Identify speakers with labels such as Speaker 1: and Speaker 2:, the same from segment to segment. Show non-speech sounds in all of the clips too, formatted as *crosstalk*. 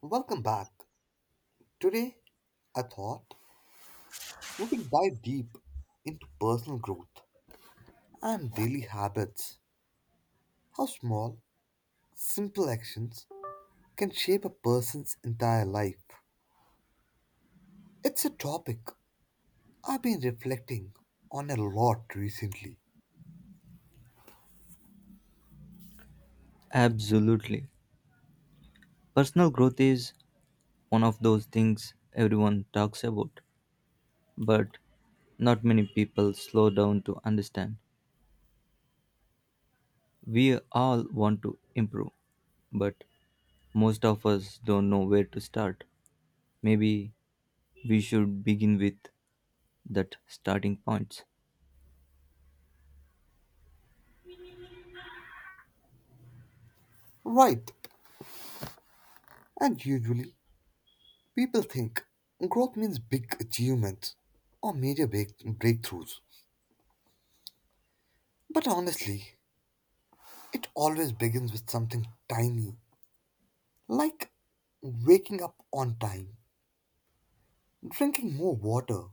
Speaker 1: Welcome back. Today, I thought we can dive deep into personal growth and daily habits. How small, simple actions can shape a person's entire life. It's a topic I've been reflecting on a lot recently.
Speaker 2: Absolutely. Personal growth is one of those things everyone talks about, but not many people slow down to understand. We all want to improve, but most of us don't know where to start. Maybe we should begin with that starting points.
Speaker 1: Right, and usually people think growth means big achievements or major breakthroughs. But honestly, it always begins with something tiny like waking up on time, drinking more water,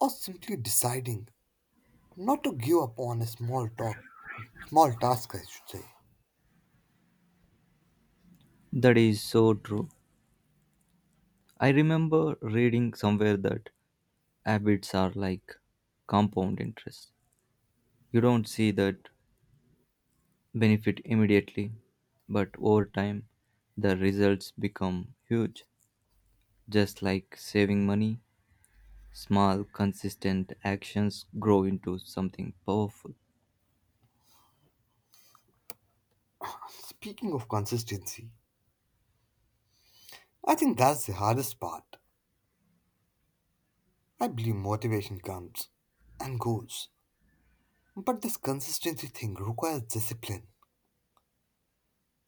Speaker 1: or simply deciding not to give up on a small talk, small task, I should say.
Speaker 2: That is so true. I remember reading somewhere that habits are like compound interest. You don't see that benefit immediately, but over time the results become huge. Just like saving money, small, consistent actions grow into something powerful.
Speaker 1: Speaking of consistency, I think that's the hardest part. I believe motivation comes and goes, but this consistency thing requires discipline,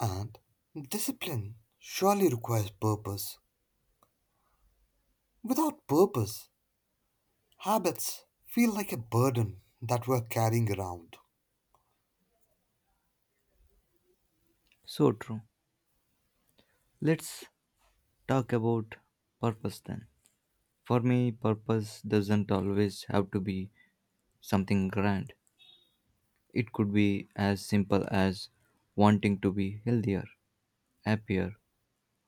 Speaker 1: and discipline surely requires purpose. Without purpose, habits feel like a burden that we're carrying around.
Speaker 2: So true. Let's talk about purpose then. For me, purpose doesn't always have to be something grand. It could be as simple as wanting to be healthier, happier,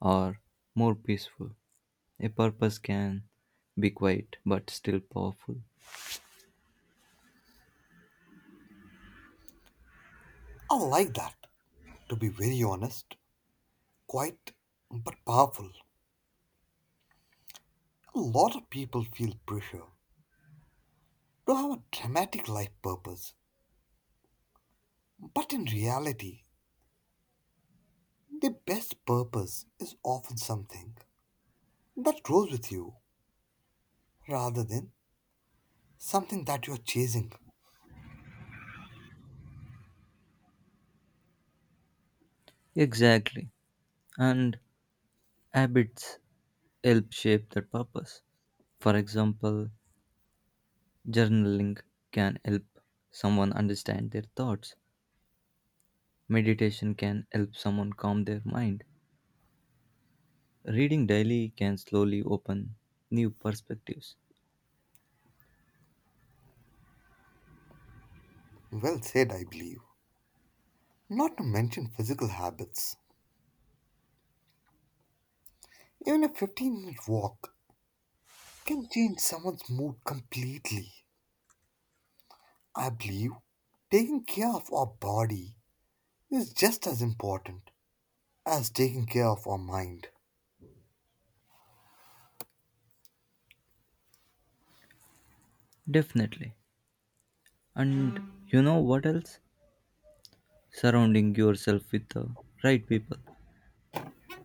Speaker 2: or more peaceful. A purpose can be quiet but still powerful.
Speaker 1: I like that. To be very honest, quite but powerful. A lot of people feel pressure to have a dramatic life purpose, but in reality, the best purpose is often something that grows with you rather than something that you are chasing.
Speaker 2: Exactly. And habits help shape that purpose. For example, journaling can help someone understand their thoughts, meditation can help someone calm their mind, reading daily can slowly open new perspectives.
Speaker 1: Well said, I believe. Not to mention physical habits. Even a 15-minute minute walk can change someone's mood completely. I believe taking care of our body is just as important as taking care of our mind.
Speaker 2: Definitely. And you know what else? Surrounding yourself with the right people.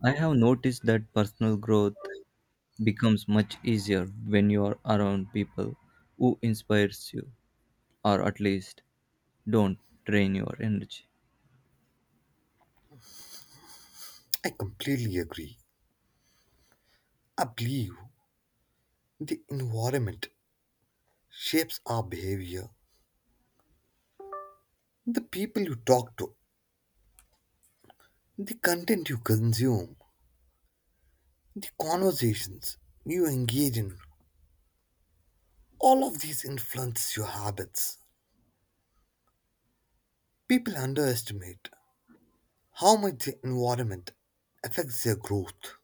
Speaker 2: I have noticed that personal growth becomes much easier when you are around people who inspires you or at least don't drain your energy.
Speaker 1: I completely agree. I believe the environment shapes our behavior. The people you talk to, the content you consume, the conversations you engage in, all of these influence your habits. People underestimate how much the environment affects their growth.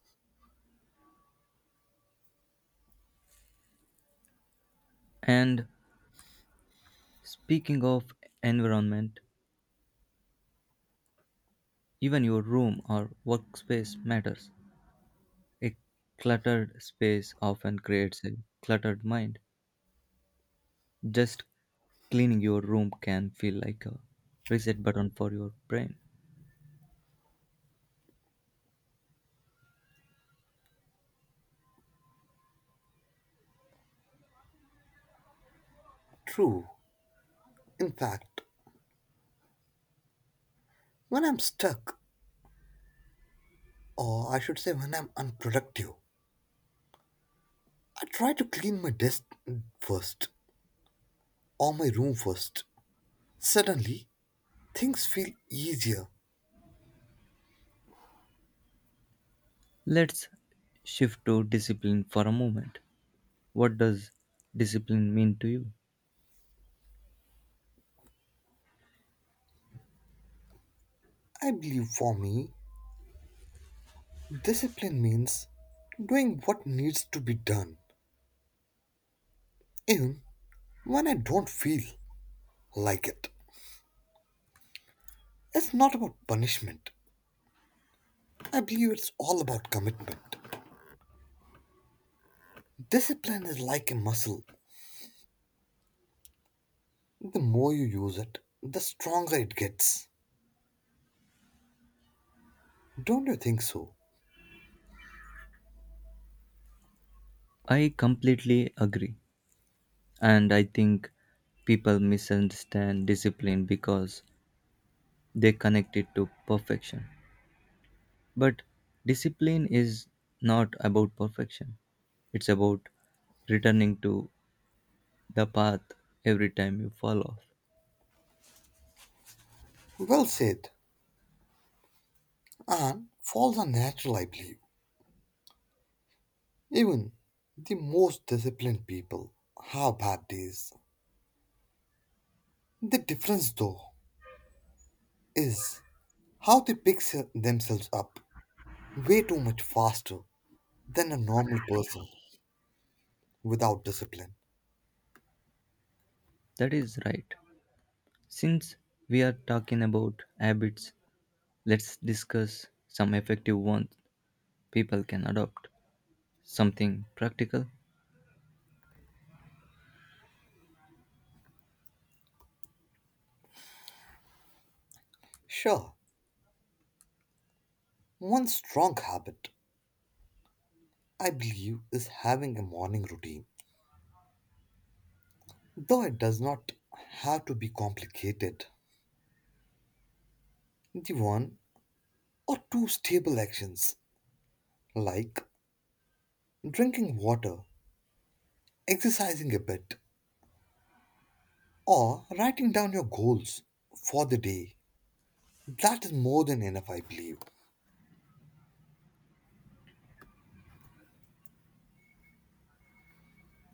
Speaker 2: And speaking of environment, even your room or workspace matters. A cluttered space often creates a cluttered mind. Just cleaning your room can feel like a reset button for your brain.
Speaker 1: True. In fact, when I'm stuck, or I should say when I'm unproductive, I try to clean my desk first. Or my room first. Suddenly, things feel easier.
Speaker 2: Let's shift to discipline for a moment. What does discipline mean to you?
Speaker 1: I believe for me, discipline means doing what needs to be done, even when I don't feel like it. It's not about punishment. I believe it's all about commitment. Discipline is like a muscle. The more you use it, the stronger it gets. Don't you think so?
Speaker 2: I completely agree. And I think people misunderstand discipline because they connect it to perfection. But discipline is not about perfection, it's about returning to the path every time you fall off.
Speaker 1: Well said. And falls are natural, I believe. Even the most disciplined people have bad days. The difference, though, is how they pick themselves up way too much faster than a normal person without discipline.
Speaker 2: That is right. Since we are talking about habits, let's discuss some effective ones people can adopt. Something practical?
Speaker 1: Sure, one strong habit I believe is having a morning routine, though it does not have to be complicated. The one or two stable actions, like drinking water, exercising a bit, or writing down your goals for the day, that is more than enough, I believe.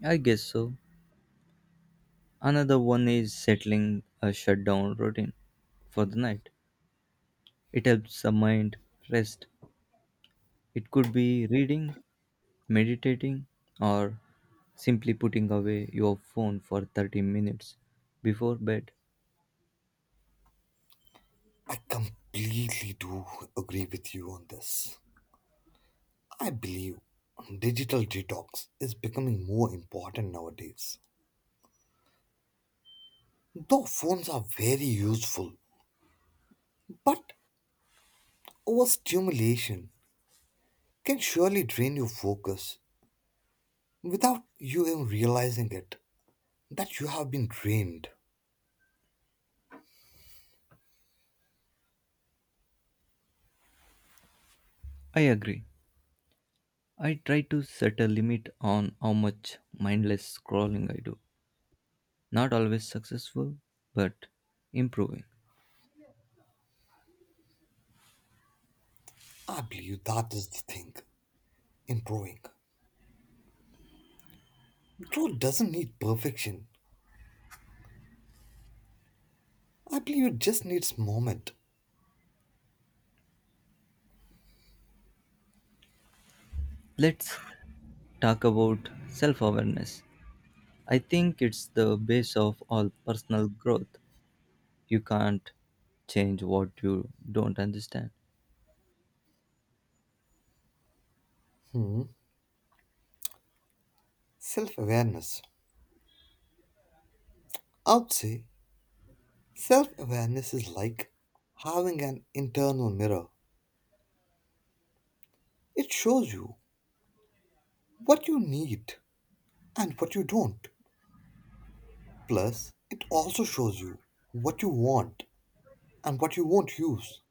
Speaker 2: I guess so. Another one is settling a shutdown routine for the night. It helps the mind rest. It could be reading, meditating, or simply putting away your phone for 30 minutes before bed.
Speaker 1: I completely do agree with you on this. I believe digital detox is becoming more important nowadays. Though phones are very useful, but overstimulation can surely drain your focus without you even realizing it that you have been drained.
Speaker 2: I agree. I try to set a limit on how much mindless scrolling I do. Not always successful, but improving.
Speaker 1: I believe that is the thing. Improving. Growth doesn't need perfection. I believe it just needs moment.
Speaker 2: Let's talk about self awareness. I think it's the base of all personal growth. You can't change what you don't understand.
Speaker 1: Hmm. Self awareness. I would say self awareness is like having an internal mirror. It shows you what you need and what you don't. Plus, it also shows you what you want and what you won't use.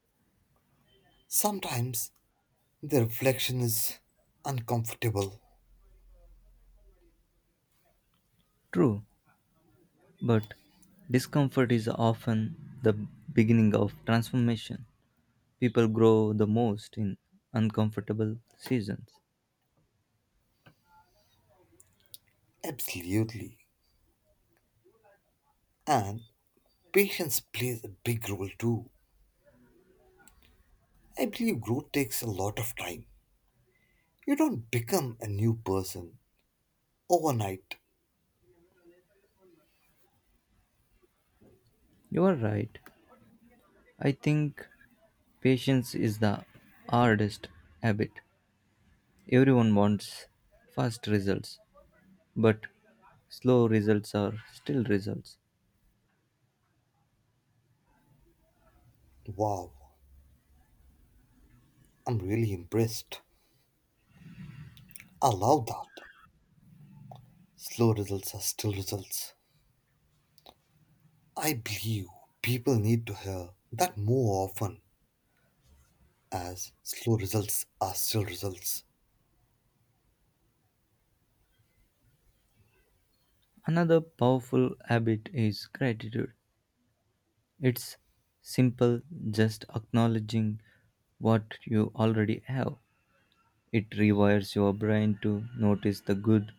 Speaker 1: Sometimes the reflection is uncomfortable.
Speaker 2: True, but discomfort is often the beginning of transformation. People grow the most in uncomfortable seasons.
Speaker 1: Absolutely. And patience plays a big role too. I believe growth takes a lot of time. You don't become a new person overnight.
Speaker 2: You are right. I think patience is the hardest habit. Everyone wants fast results, but slow results are still results.
Speaker 1: Wow, I'm really impressed. I love that. Slow results are still results. I believe people need to hear that more often as slow results are still results.
Speaker 2: Another powerful habit is gratitude. It's simple, just acknowledging what you already have. It rewires your brain to notice the good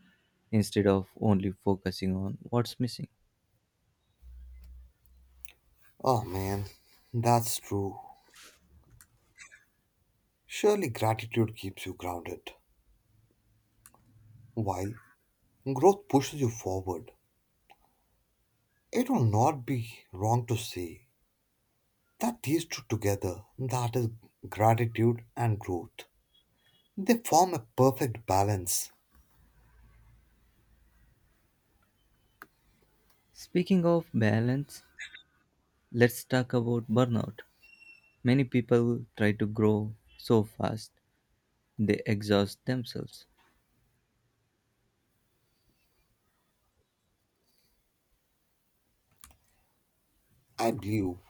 Speaker 2: instead of only focusing on what's missing.
Speaker 1: Oh man, that's true. Surely gratitude keeps you grounded, while growth pushes you forward. It will not be wrong to say that these two together, that is gratitude and growth, they form a perfect balance.
Speaker 2: Speaking of balance, let's talk about burnout. Many people try to grow so fast they exhaust themselves.
Speaker 1: I believe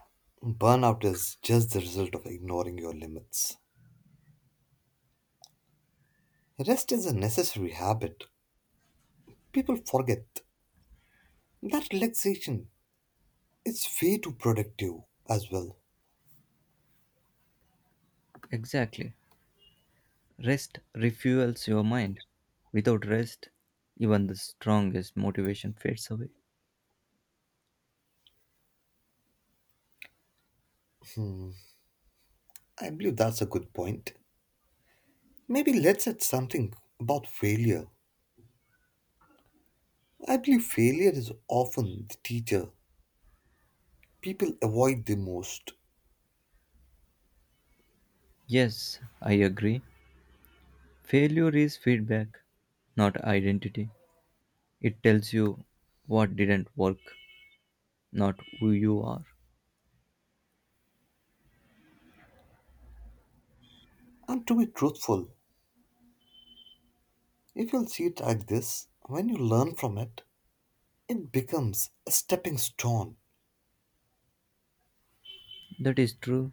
Speaker 1: burnout is just the result of ignoring your limits. Rest is a necessary habit. People forget that relaxation is way too productive as well.
Speaker 2: Exactly. Rest refuels your mind. Without rest, even the strongest motivation fades away.
Speaker 1: I believe that's a good point. Maybe let's add something about failure. I believe failure is often the teacher people avoid the most.
Speaker 2: Yes, I agree. Failure is feedback, not identity. It tells you what didn't work, not who you are.
Speaker 1: And to be truthful, if you'll see it like this, when you learn from it, it becomes a stepping stone.
Speaker 2: That is true.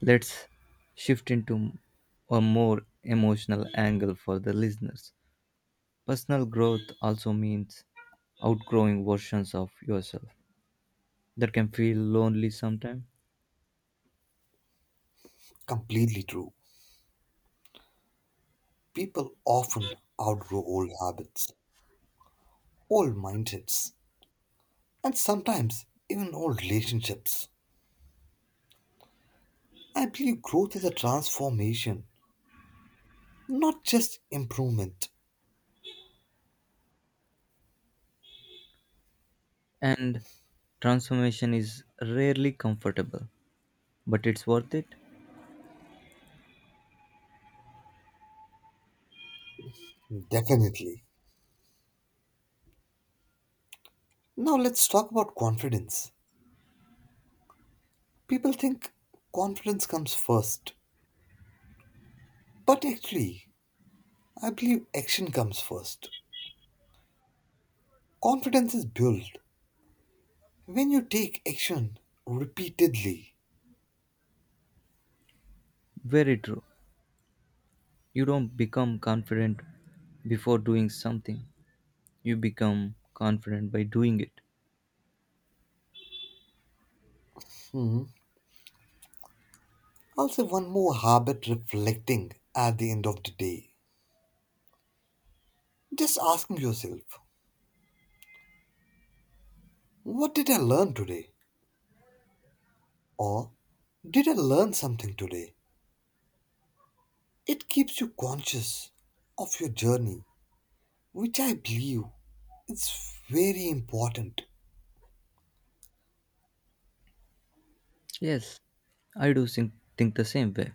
Speaker 2: Let's shift into a more emotional angle for the listeners. Personal growth also means outgrowing versions of yourself that can feel lonely sometimes.
Speaker 1: Completely true. People often outgrow old habits, old mindsets, and sometimes even old relationships. I believe growth is a transformation, not just improvement.
Speaker 2: And transformation is rarely comfortable, but it's worth it.
Speaker 1: Definitely. Now let's talk about confidence. People think confidence comes first, but actually, I believe action comes first. Confidence is built when you take action repeatedly.
Speaker 2: Very true. You don't become confident before doing something, you become confident by doing it.
Speaker 1: Hmm. I'll say one more habit reflecting at the end of the day. Just asking yourself, what did I learn today? Or did I learn something today? It keeps you conscious of your journey, which I believe is very important.
Speaker 2: Yes, I do think the same way.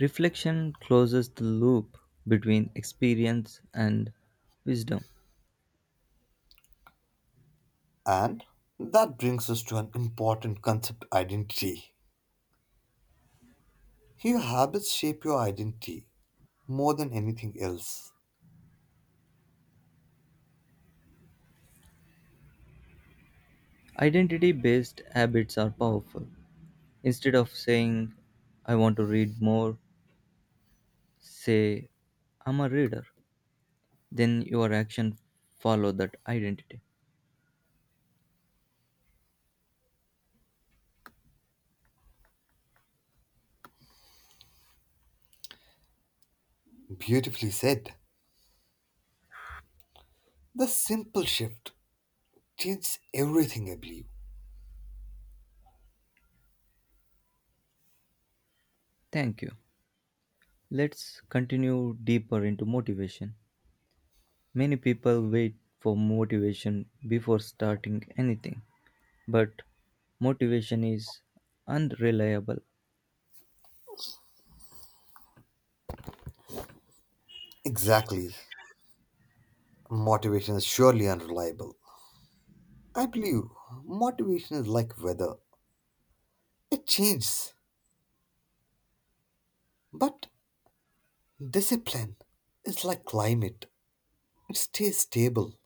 Speaker 2: Reflection closes the loop between experience and wisdom.
Speaker 1: And that brings us to an important concept identity. Your habits shape your identity more than anything else.
Speaker 2: Identity based habits are powerful. Instead of saying, I want to read more, say, I'm a reader. Then your action follow that identity.
Speaker 1: Beautifully said. The simple shift changes everything, I believe.
Speaker 2: Thank you. Let's continue deeper into motivation. Many people wait for motivation before starting anything, but motivation is unreliable.
Speaker 1: Exactly. Motivation is surely unreliable. I believe motivation is like weather, it changes, but discipline is like climate, it stays stable.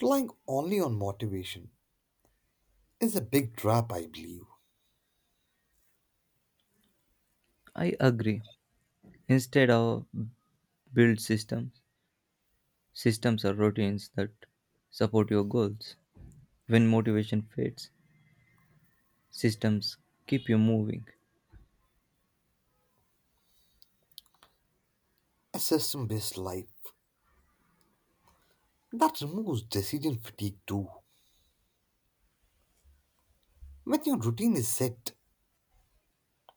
Speaker 1: Relying only on motivation is a big trap, I believe.
Speaker 2: I agree. Instead of build systems, systems are routines that support your goals. When motivation fades, systems keep you moving.
Speaker 1: A system based life that removes decision fatigue too. When your routine is set,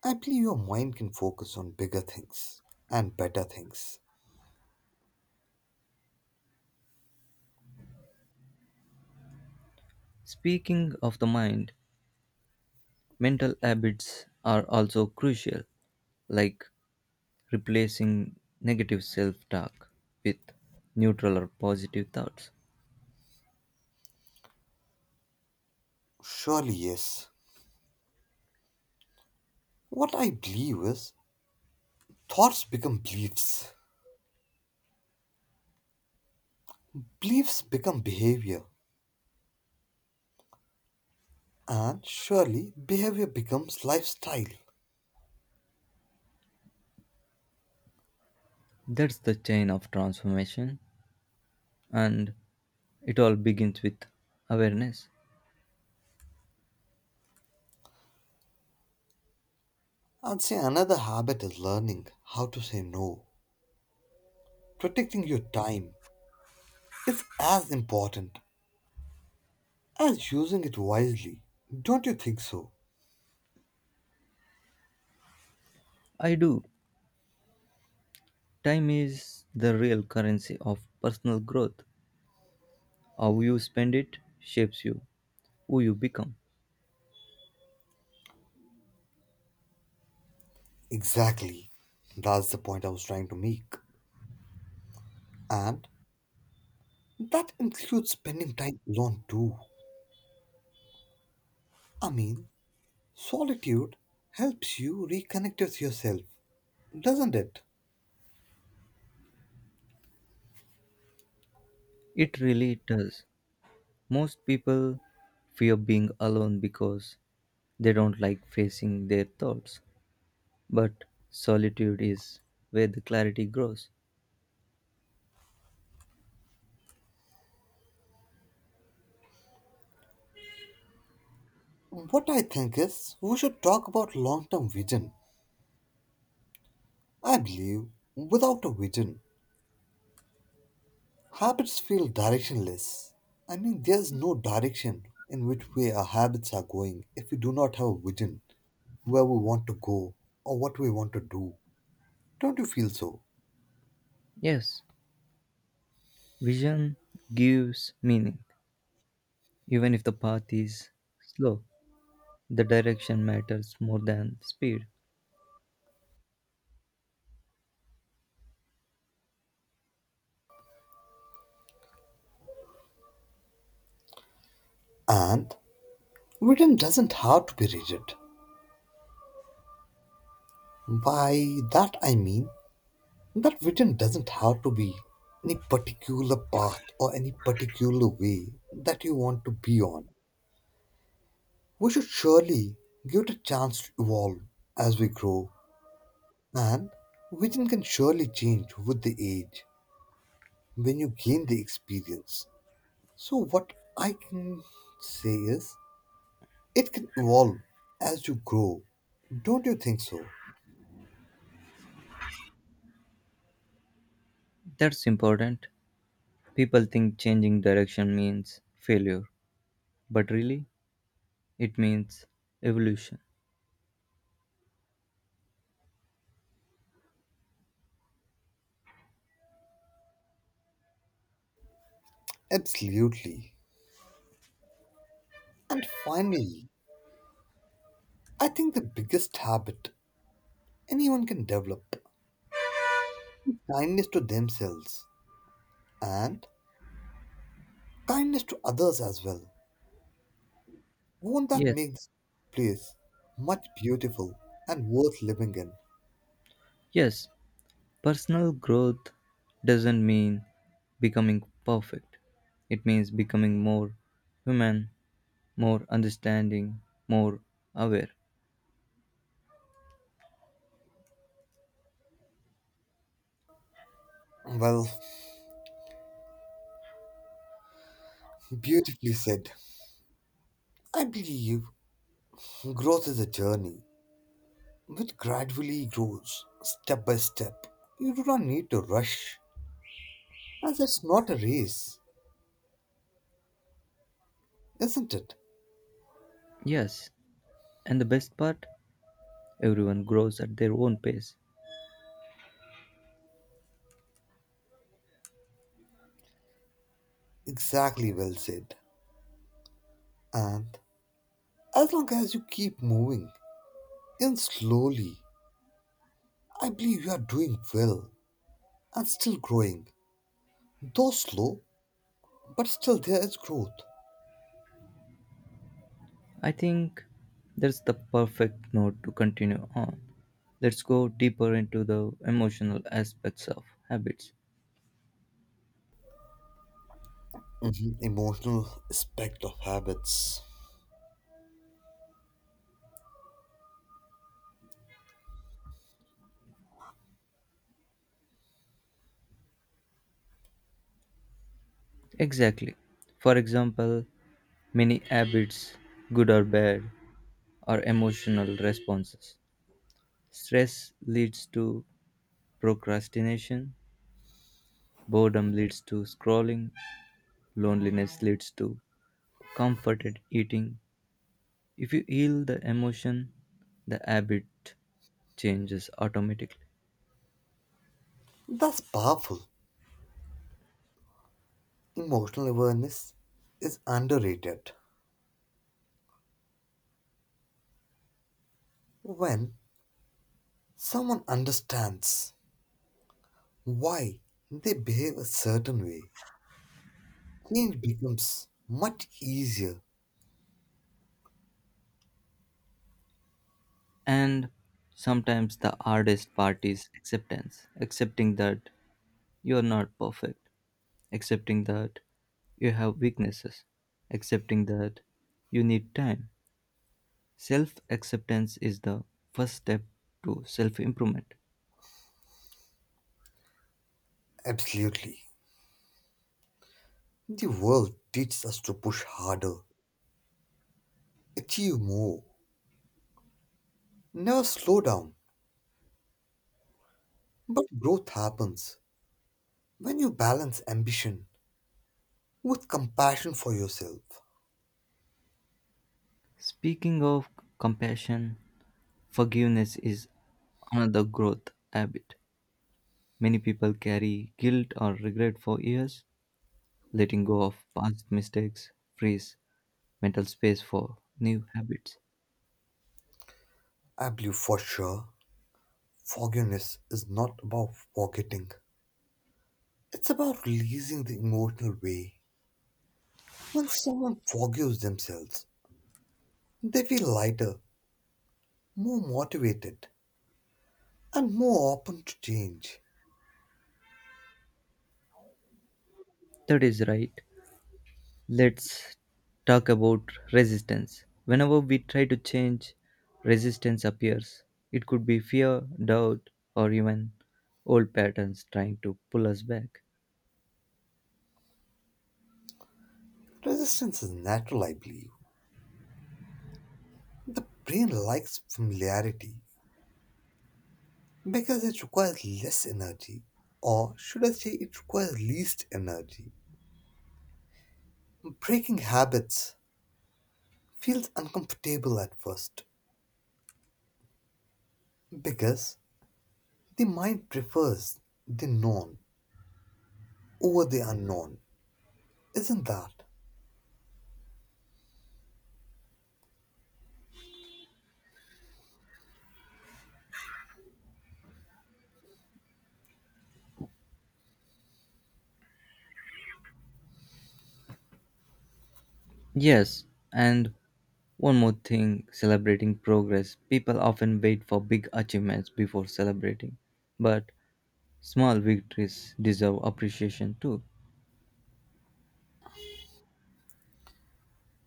Speaker 1: I believe your mind can focus on bigger things and better things.
Speaker 2: Speaking of the mind, mental habits are also crucial, like replacing negative self talk with neutral or positive thoughts.
Speaker 1: Surely, yes. What I believe is thoughts become beliefs, beliefs become behavior, and surely behavior becomes lifestyle.
Speaker 2: That's the chain of transformation, and it all begins with awareness.
Speaker 1: I'd say another habit is learning how to say no. Protecting your time is as important as using it wisely. Don't you think so?
Speaker 2: I do. Time is the real currency of personal growth. How you spend it shapes you, who you become.
Speaker 1: Exactly. That's the point I was trying to make. And that includes spending time alone too. I mean, solitude helps you reconnect with yourself, doesn't it?
Speaker 2: It really does. Most people fear being alone because they don't like facing their thoughts. But solitude is where the clarity grows.
Speaker 1: What I think is we should talk about long term vision. I believe without a vision, habits feel directionless. I mean, there's no direction in which way our habits are going if we do not have a vision where we want to go or what we want to do. Don't you feel so?
Speaker 2: Yes, vision gives meaning, even if the path is slow. The direction matters more than speed.
Speaker 1: And vision doesn't have to be rigid. By that I mean that vision doesn't have to be any particular path or any particular way that you want to be on. We should surely give it a chance to evolve as we grow. And vision can surely change with the age when you gain the experience. So, what I can say is it can evolve as you grow. Don't you think so?
Speaker 2: That's important. People think changing direction means failure, but really, it means evolution.
Speaker 1: Absolutely. And finally, I think the biggest habit anyone can develop kindness to themselves and kindness to others as well. Won't that
Speaker 2: Yes,
Speaker 1: make this place much beautiful and worth living in?
Speaker 2: yes, personal growth doesn't mean becoming perfect. It means becoming more human, more understanding, more aware.
Speaker 1: Well, *laughs* beautifully said. I believe growth is a journey which gradually grows step by step. You do not need to rush, as it's not a race, isn't it?
Speaker 2: Yes, and the best part, everyone grows at their own pace.
Speaker 1: Exactly well said. And as long as you keep moving, even slowly, I believe you are doing well and still growing. Though slow, but still there is growth.
Speaker 2: I think that's the perfect note to continue on. Let's go deeper into the emotional aspects of habits.
Speaker 1: Mhm. Emotional aspect of habits.
Speaker 2: Exactly. For example, many habits, good or bad, are emotional responses. Stress leads to procrastination, boredom leads to scrolling, loneliness leads to comforted eating. If you heal the emotion, the habit changes automatically.
Speaker 1: That's powerful. Emotional awareness is underrated. When someone understands why they behave a certain way, change becomes much easier.
Speaker 2: And sometimes the hardest part is acceptance, accepting that you're not perfect, accepting that you have weaknesses, accepting that you need time. Self acceptance is the first step to self improvement.
Speaker 1: Absolutely. The world teaches us to push harder, achieve more, never slow down. But growth happens when you balance ambition with compassion for yourself.
Speaker 2: Speaking of compassion, forgiveness is another growth habit. Many people carry guilt or regret for years. Letting go of past mistakes frees mental space for new habits.
Speaker 1: I believe for sure, forgiveness is not about forgetting, it's about releasing the emotional way. When someone forgives themselves, they feel lighter, more motivated, and more open to change.
Speaker 2: That is right. Let's talk about resistance. Whenever we try to change, resistance appears. It could be fear, doubt, or even old patterns trying to pull us back.
Speaker 1: Resistance is natural, I believe. The brain likes familiarity because it requires less energy, or should I say, it requires least energy. Breaking habits feels uncomfortable at first because the mind prefers the known over the unknown. Isn't that
Speaker 2: Yes, and one more thing celebrating progress. People often wait for big achievements before celebrating, but small victories deserve appreciation too.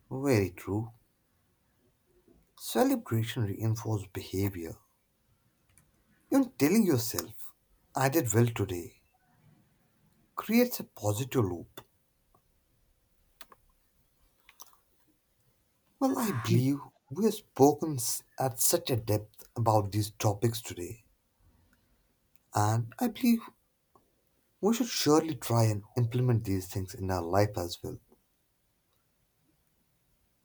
Speaker 1: very true? Celebration reinforces behavior. You're telling yourself, I did well today creates a positive loop. Well, I believe we have spoken at such a depth about these topics today, and I believe we should surely try and implement these things in our life as well.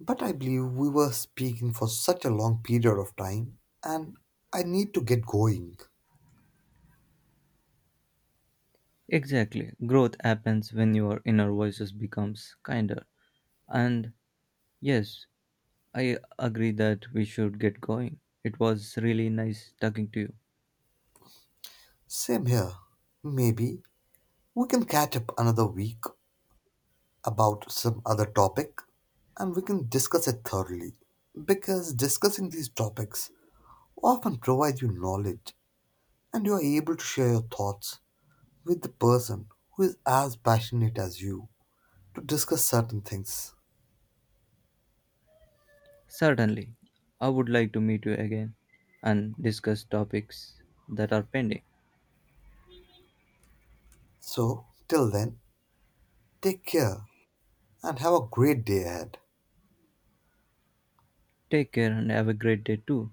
Speaker 1: But I believe we were speaking for such a long period of time, and I need to get going.
Speaker 2: Exactly. Growth happens when your inner voices becomes kinder. And yes, I agree that we should get going. It was really nice talking to you.
Speaker 1: Same here. Maybe we can catch up another week about some other topic and we can discuss it thoroughly. Because discussing these topics often provides you knowledge and you are able to share your thoughts with the person who is as passionate as you to discuss certain things.
Speaker 2: Certainly, I would like to meet you again and discuss topics that are pending.
Speaker 1: So, till then, take care and have a great day ahead.
Speaker 2: Take care and have a great day too.